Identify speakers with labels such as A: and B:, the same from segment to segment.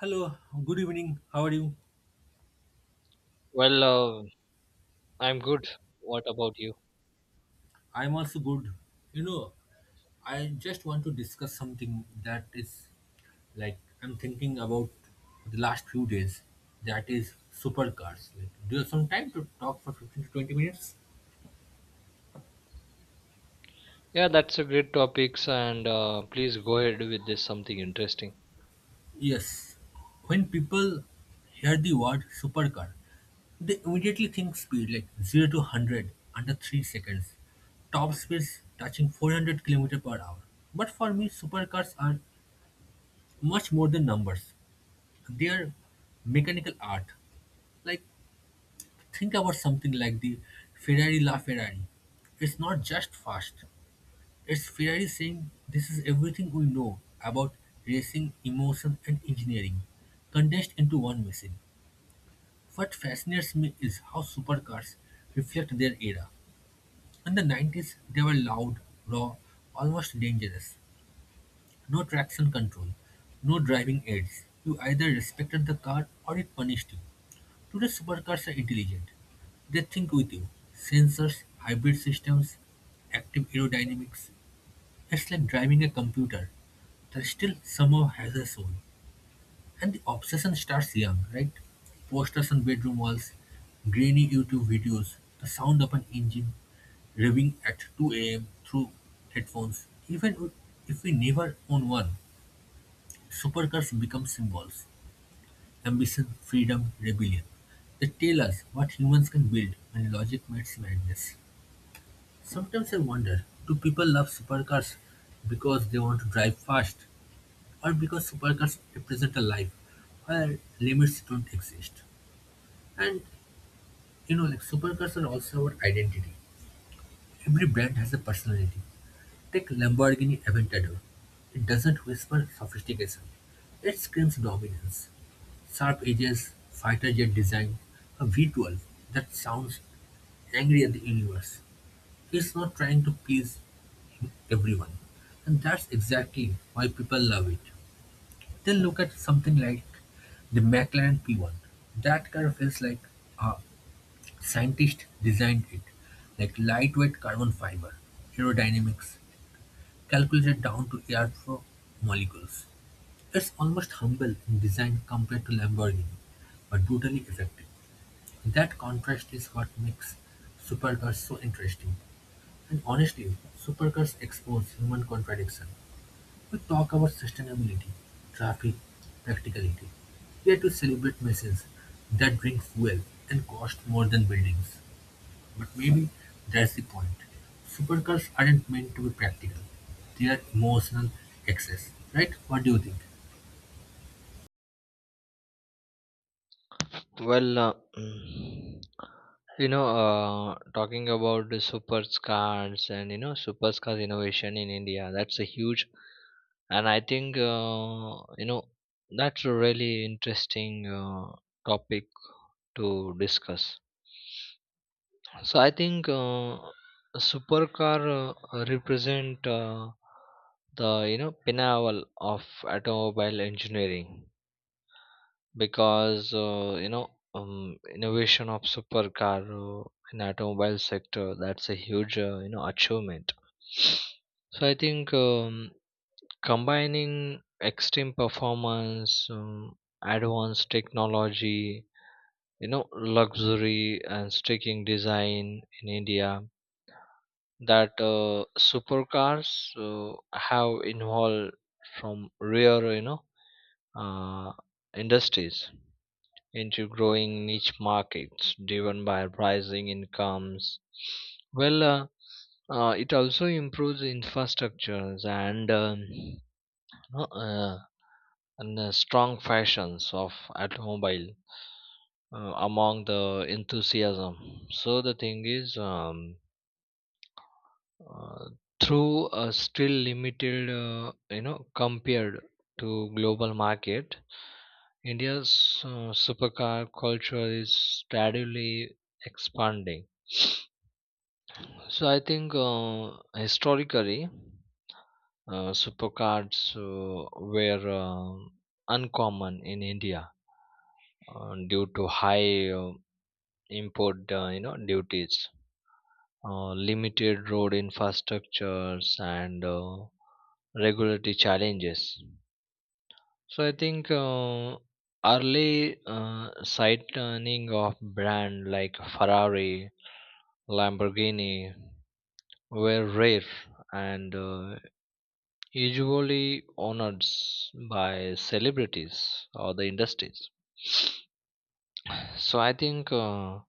A: Hello, good evening. How are you?
B: Well, uh, I'm good. What about you?
A: I'm also good. You know, I just want to discuss something that is like I'm thinking about the last few days. That is supercars. Like, do you have some time to talk for 15 to 20 minutes?
B: Yeah, that's a great topics, and please go ahead with this something interesting.
A: Yes. When people hear the word supercar, they immediately think speed like 0 to 100 under 3 seconds, top speeds touching 400 kilometers per hour. But for me, supercars are much more than numbers. They're mechanical art. Like, think about something like the Ferrari La Ferrari. It's not just fast, it's Ferrari saying, This is everything we know about racing, emotion, and engineering, condensed into one machine. What fascinates me is how supercars reflect their era. In the 90s, they were loud, raw, almost dangerous. No traction control, no driving aids. You either respected the car or it punished you. Today, supercars are intelligent. They think with you. Sensors, hybrid systems, active aerodynamics. It's like driving a computer that still somehow has a soul. And the obsession starts young, right? Posters on bedroom walls, grainy YouTube videos, the sound of an engine revving at 2 a.m. through headphones. Even if we never own one, supercars become symbols. Ambition, freedom, rebellion. They tell us what humans can build when logic meets madness. Sometimes I wonder, do people love supercars because they want to drive fast or because supercars represent a life where limits don't exist? And you know, like supercars are also our identity. Every brand has a personality. Take Lamborghini Aventador. It doesn't whisper sophistication. It screams dominance. Sharp edges, fighter jet design, a V12 that sounds angry at the universe. It's not trying to please everyone. And that's exactly why people love it. They look at something like the McLaren P1. That car feels like a scientist designed it, like lightweight carbon fiber, aerodynamics, calculated down to airflow molecules. It's almost humble in design compared to Lamborghini, but brutally effective. That contrast is what makes supercars so interesting. And honestly, supercars expose human contradiction. We talk about sustainability, traffic, practicality. Yet we celebrate machines that drink fuel and cost more than buildings. But maybe that's the point: supercars aren't meant to be practical. They're emotional excess, right? What do you think?
B: Well, mm, talking about the supercars and supercars innovation in India, that's a huge, and I think that's a really interesting topic to discuss. So I think a supercar represent the pinnacle of automobile engineering because innovation of supercar in automobile sector that's a huge achievement. So I think combining extreme performance, advanced technology, luxury and striking design in India that supercars have involved from rare uh, industries into growing niche markets driven by rising incomes well it also improves infrastructures and no, and strong fashions of automobile among the enthusiasm so the thing is uh, through a still limited compared to global market india's supercar culture is steadily expanding so I think historically supercars uh, were uncommon in india due to high import duties limited road infrastructures and regulatory challenges. So I think early sightning of brand like Ferrari, Lamborghini were rare and usually honored by celebrities or the industries. So I think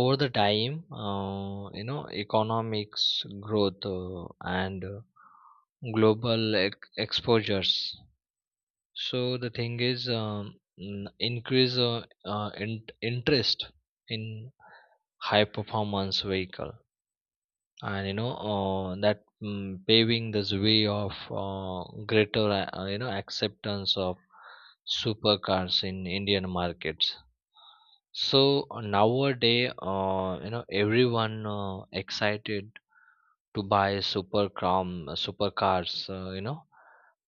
B: over the time, economics growth and global exposures. So the thing is, increase interest in high performance vehicle, and that paving this way of greater acceptance of supercars in Indian markets. So nowadays, everyone excited to buy supercars,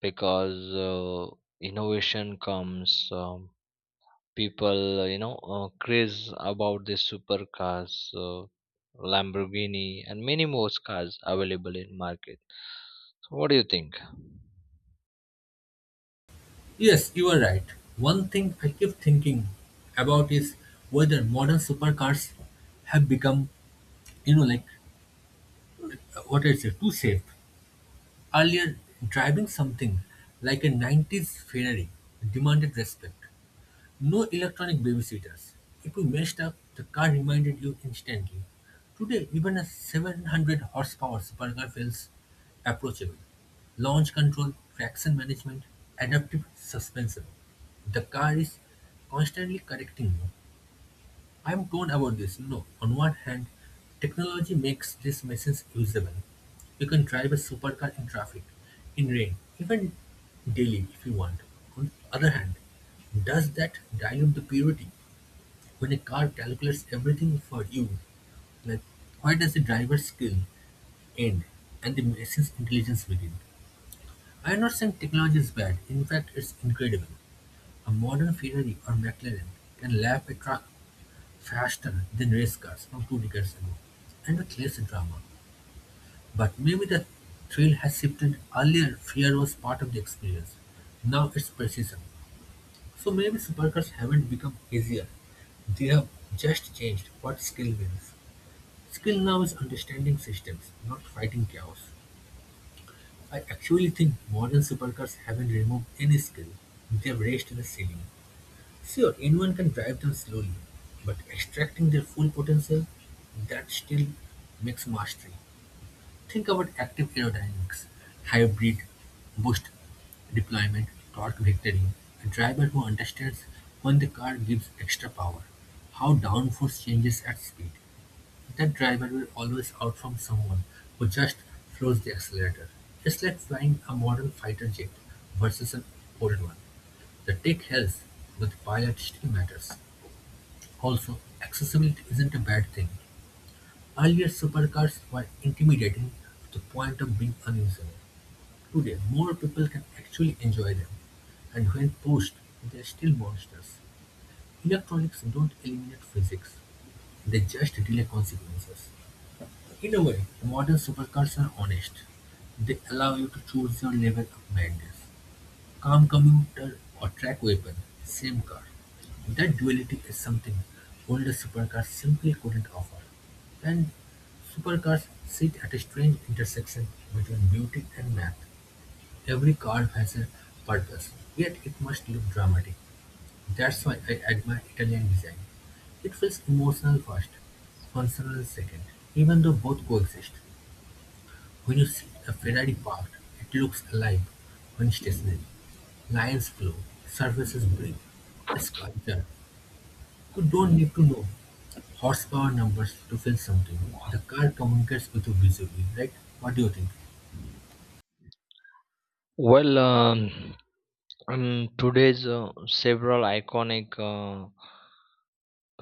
B: because innovation comes. People, craze about these supercars, uh, Lamborghini, and many more cars available in market. So what do you think?
A: Yes, you are right. One thing I keep thinking about is whether modern supercars have become, you know, like what I said, too safe. Earlier, driving something like a 90s Ferrari demanded respect. No electronic babysitters. If you messed up, the car reminded you instantly. Today, even a 700 horsepower supercar feels approachable. Launch control, traction management, adaptive suspension. The car is constantly correcting you. I'm torn about this. You know, on one hand, technology makes these machines usable. You can drive a supercar in traffic, in rain, even daily if you want. On the other hand, does that dilute the purity when a car calculates everything for you? Like, why does the driver's skill end and the machine's intelligence begin? I am not saying technology is bad. In fact, it's incredible. A modern Ferrari or McLaren can lap a truck faster than race cars from two decades ago, and with less drama. But maybe the thrill has shifted. Earlier, fear was part of the experience. Now it's precision. So maybe supercars haven't become easier. They have just changed what skill means. Skill now is understanding systems, not fighting chaos. I actually think modern supercars haven't removed any skill. They've raised the ceiling. Sure, anyone can drive them slowly, but extracting their full potential, that still makes mastery. Think about active aerodynamics, hybrid boost deployment, torque vectoring, a driver who understands when the car gives extra power, how downforce changes at speed. That driver will always outperform someone who just floors the accelerator. It's like flying a modern fighter jet versus an old one. The tech helps, but the pilot still matters. Also, accessibility isn't a bad thing; earlier supercars were intimidating to the point of being unusable. Today, more people can actually enjoy them, and when pushed, they're still monsters. Electronics don't eliminate physics, they just delay consequences. In a way, modern supercars are honest. They allow you to choose your level of madness. Calm commuter or track weapon, same car. That duality is something older supercars simply couldn't offer. And supercars sit at a strange intersection between beauty and math. Every car has a purpose, yet it must look dramatic. That's why I admire Italian design. It feels emotional first, functional second, even though both coexist. When you see a Ferrari parked, it looks alive when stationary. Lines flow, surfaces break. A sculpture, you don't need to know horsepower numbers to feel something. The car communicates with you visually, right? What do you think?
B: Well, um, today's several iconic.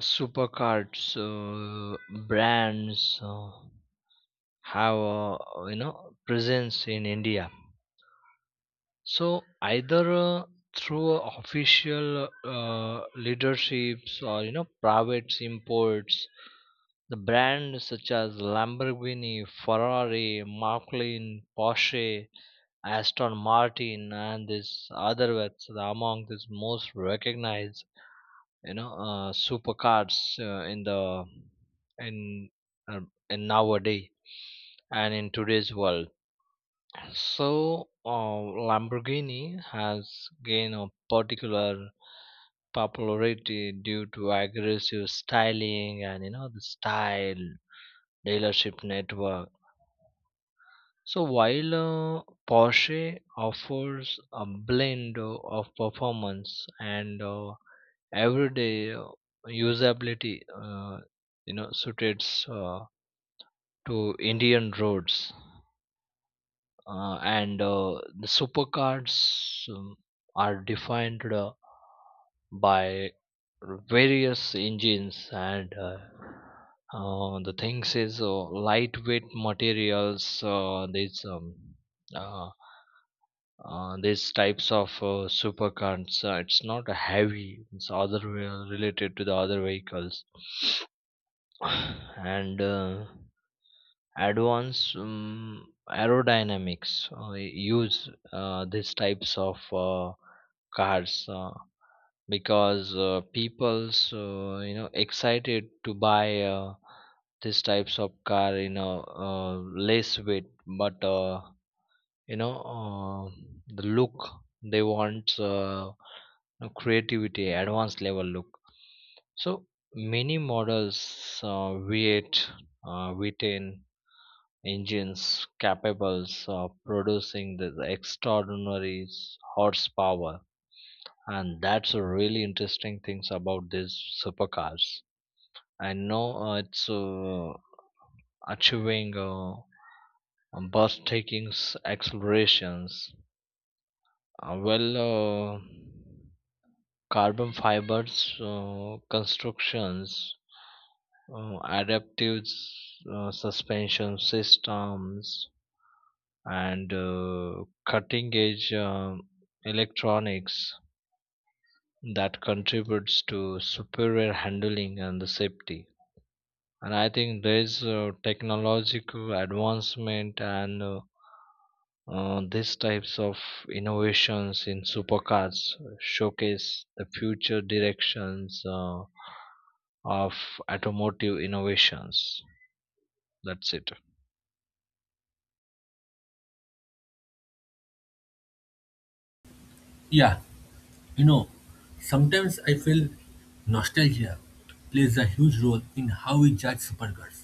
B: Supercards brands have a presence in india so either through official leaderships or private imports the brands such as Lamborghini, Ferrari, McLaren, Porsche, Aston Martin, and this other ones are among these most recognized supercars in the in uh, in nowadays and in today's world so uh, lamborghini has gained a particular popularity due to aggressive styling and the style dealership network so while porsche offers a blend of performance and everyday usability suited to Indian roads and the supercars are defined by various engines and the things is lightweight materials uh, these types of supercars it's not heavy it's other way related to the other vehicles and advanced aerodynamics use these types of cars because people's excited to buy these types of car less weight but you know uh, the look they want creativity advanced level look so many models v8 v10 engines capable of producing this extraordinary horsepower and that's a really interesting things about these supercars I know it's achieving taking accelerations uh, well uh, carbon fibers constructions adaptive suspension systems and cutting edge electronics that contributes to superior handling and the safety and I think there's technological advancement and these types of innovations in supercars showcase the future directions of automotive innovations that's it
A: Yeah, you know, sometimes I feel nostalgia plays a huge role in how we judge supercars.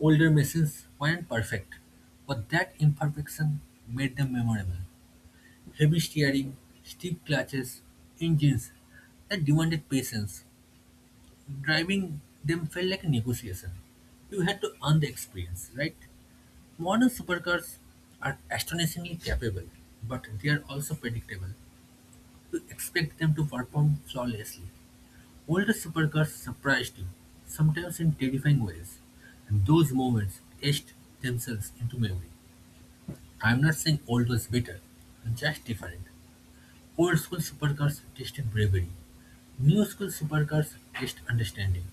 A: Older machines weren't perfect, but that imperfection made them memorable. Heavy steering, stiff clutches, engines that demanded patience. Driving them felt like a negotiation. You had to earn the experience, right? Modern supercars are astonishingly capable, but they are also predictable. You expect them to perform flawlessly. Older supercars surprised you, sometimes in terrifying ways, and those moments etched themselves into memory. I'm not saying old was better, just different. Old school supercars tested bravery; new school supercars test understanding.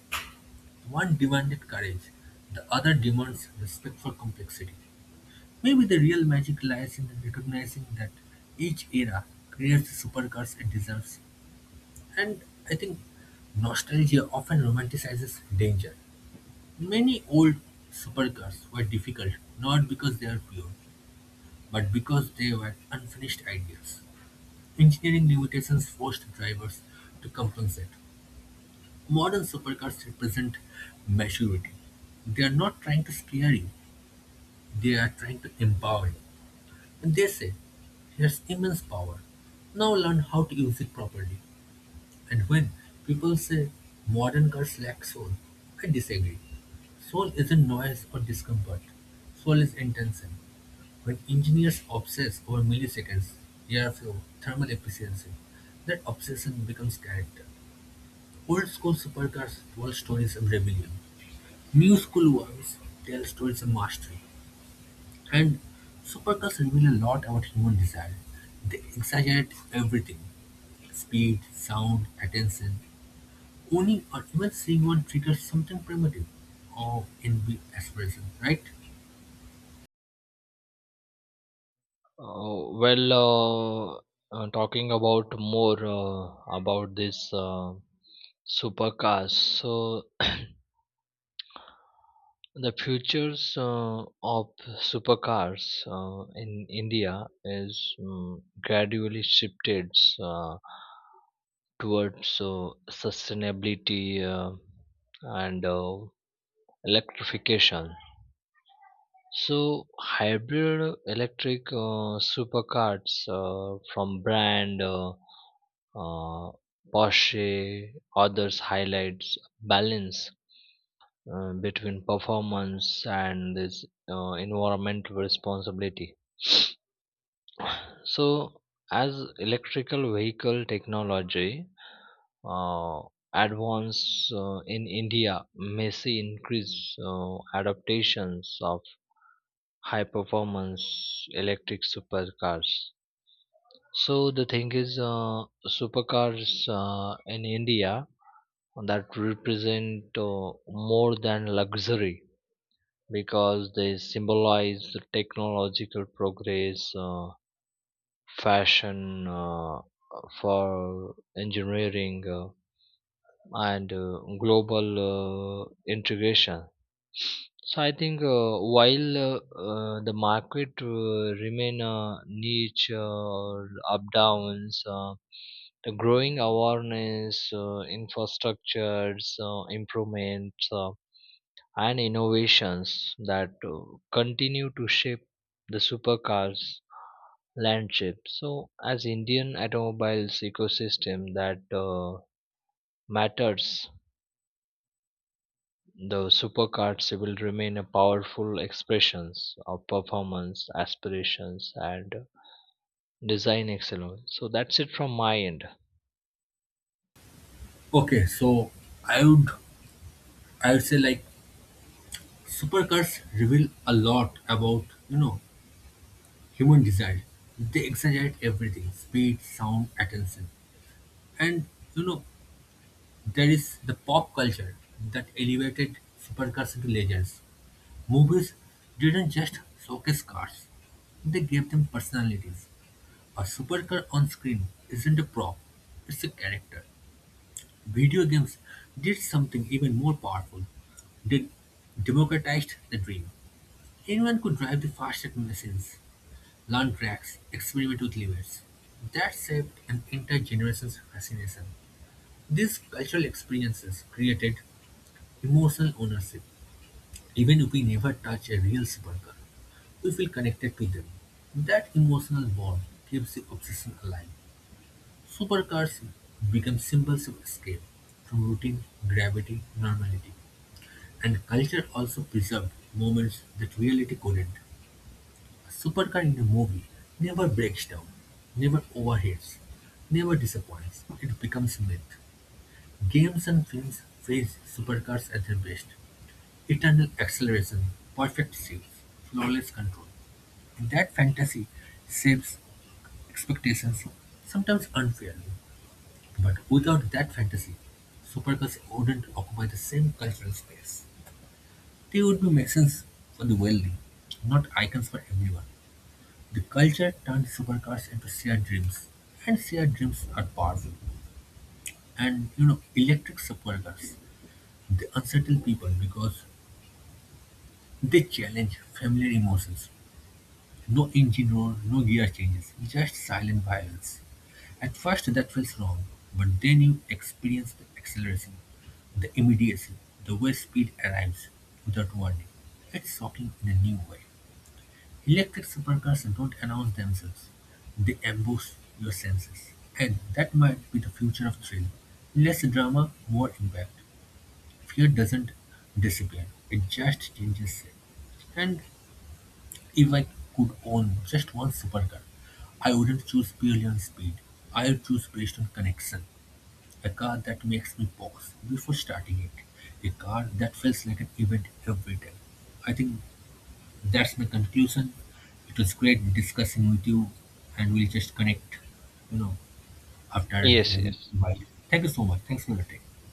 A: One demanded courage, the other demands respect for complexity. Maybe the real magic lies in recognizing that each era creates the supercars it deserves. And I think nostalgia often romanticizes danger. Many old supercars were difficult not because they are pure, but because they were unfinished ideas. Engineering limitations forced drivers to compensate. Modern supercars represent maturity. They are not trying to scare you, they are trying to empower you. And they say, here's immense power. Now learn how to use it properly. And when people say modern cars lack soul, I disagree. Soul isn't noise or discomfort. Soul is intention. When engineers obsess over milliseconds, airflow, thermal efficiency, that obsession becomes character. Old school supercars tell stories of rebellion. New school ones tell stories of mastery. And supercars reveal a lot about human desire. They exaggerate everything speed, sound, attention. Owning or even seeing one triggers something primitive. Oh, envy, aspiration, right?
B: uh, well uh, talking about more about this Supercars. So the futures of supercars in India is gradually shifted uh, towards sustainability and electrification. So hybrid electric supercars from brand uh, Porsche others highlights balance between performance and this environmental responsibility. So, as electrical vehicle technology uh, advance in India may see increased adaptations of high performance electric supercars. So the thing is, supercars in India that represent more than luxury because they symbolize the technological progress, fashion, for engineering, and global integration. So I think while the market remain niche or up downs, the growing awareness, infrastructures, improvements. And innovations that continue to shape the supercars landscape. So, as Indian automobiles ecosystem that matters, the supercars will remain a powerful expressions of performance, aspirations, and design excellence. So that's it from my end.
A: Okay, so I would I would say like supercars reveal a lot about you know human desire. They exaggerate everything: speed, sound, attention, and you know there is the pop culture that elevated supercars into legends. Movies didn't just showcase cars; they gave them personalities. A supercar on screen isn't a prop; it's a character. Video games did something even more powerful. They democratized the dream. Anyone could drive the fastest machines, learn tracks, experiment with levers. That shaped an entire generation's fascination. These cultural experiences created emotional ownership. Even if we never touch a real supercar, we feel connected to them. That emotional bond keeps the obsession alive. Supercars become symbols of escape from routine, gravity, normality. And culture also preserved moments that reality couldn't. A supercar in a movie never breaks down, never overheats, never disappoints. It becomes myth. Games and films praise supercars at their best. Eternal acceleration, perfect shifts, flawless control. That fantasy shapes expectations, sometimes unfairly. But without that fantasy, supercars wouldn't occupy the same cultural space. They would be machines for the wealthy, not icons for everyone. The culture turned supercars into shared dreams, and shared dreams are powerful. And you know, electric supercars, they unsettle people because they challenge familiar emotions. No engine roar, no gear changes, just silent violence. At first, that felt wrong, but then you experience the acceleration, the immediacy, the way speed arrives without warning. It's shocking in a new way. Electric supercars don't announce themselves, they ambush your senses. And that might be the future of thrill. Less drama, more impact. Fear doesn't disappear, it just changes shape. And if I could own just one supercar, I wouldn't choose purely on speed. I would choose based on connection. A car that makes me pause before starting it. A car that feels like an event every day. I think that's my conclusion. It was great discussing with you, and we'll just connect, you know, after
B: Yes,
A: maybe
B: yes.
A: a while. Thank you so much. Thanks for your time.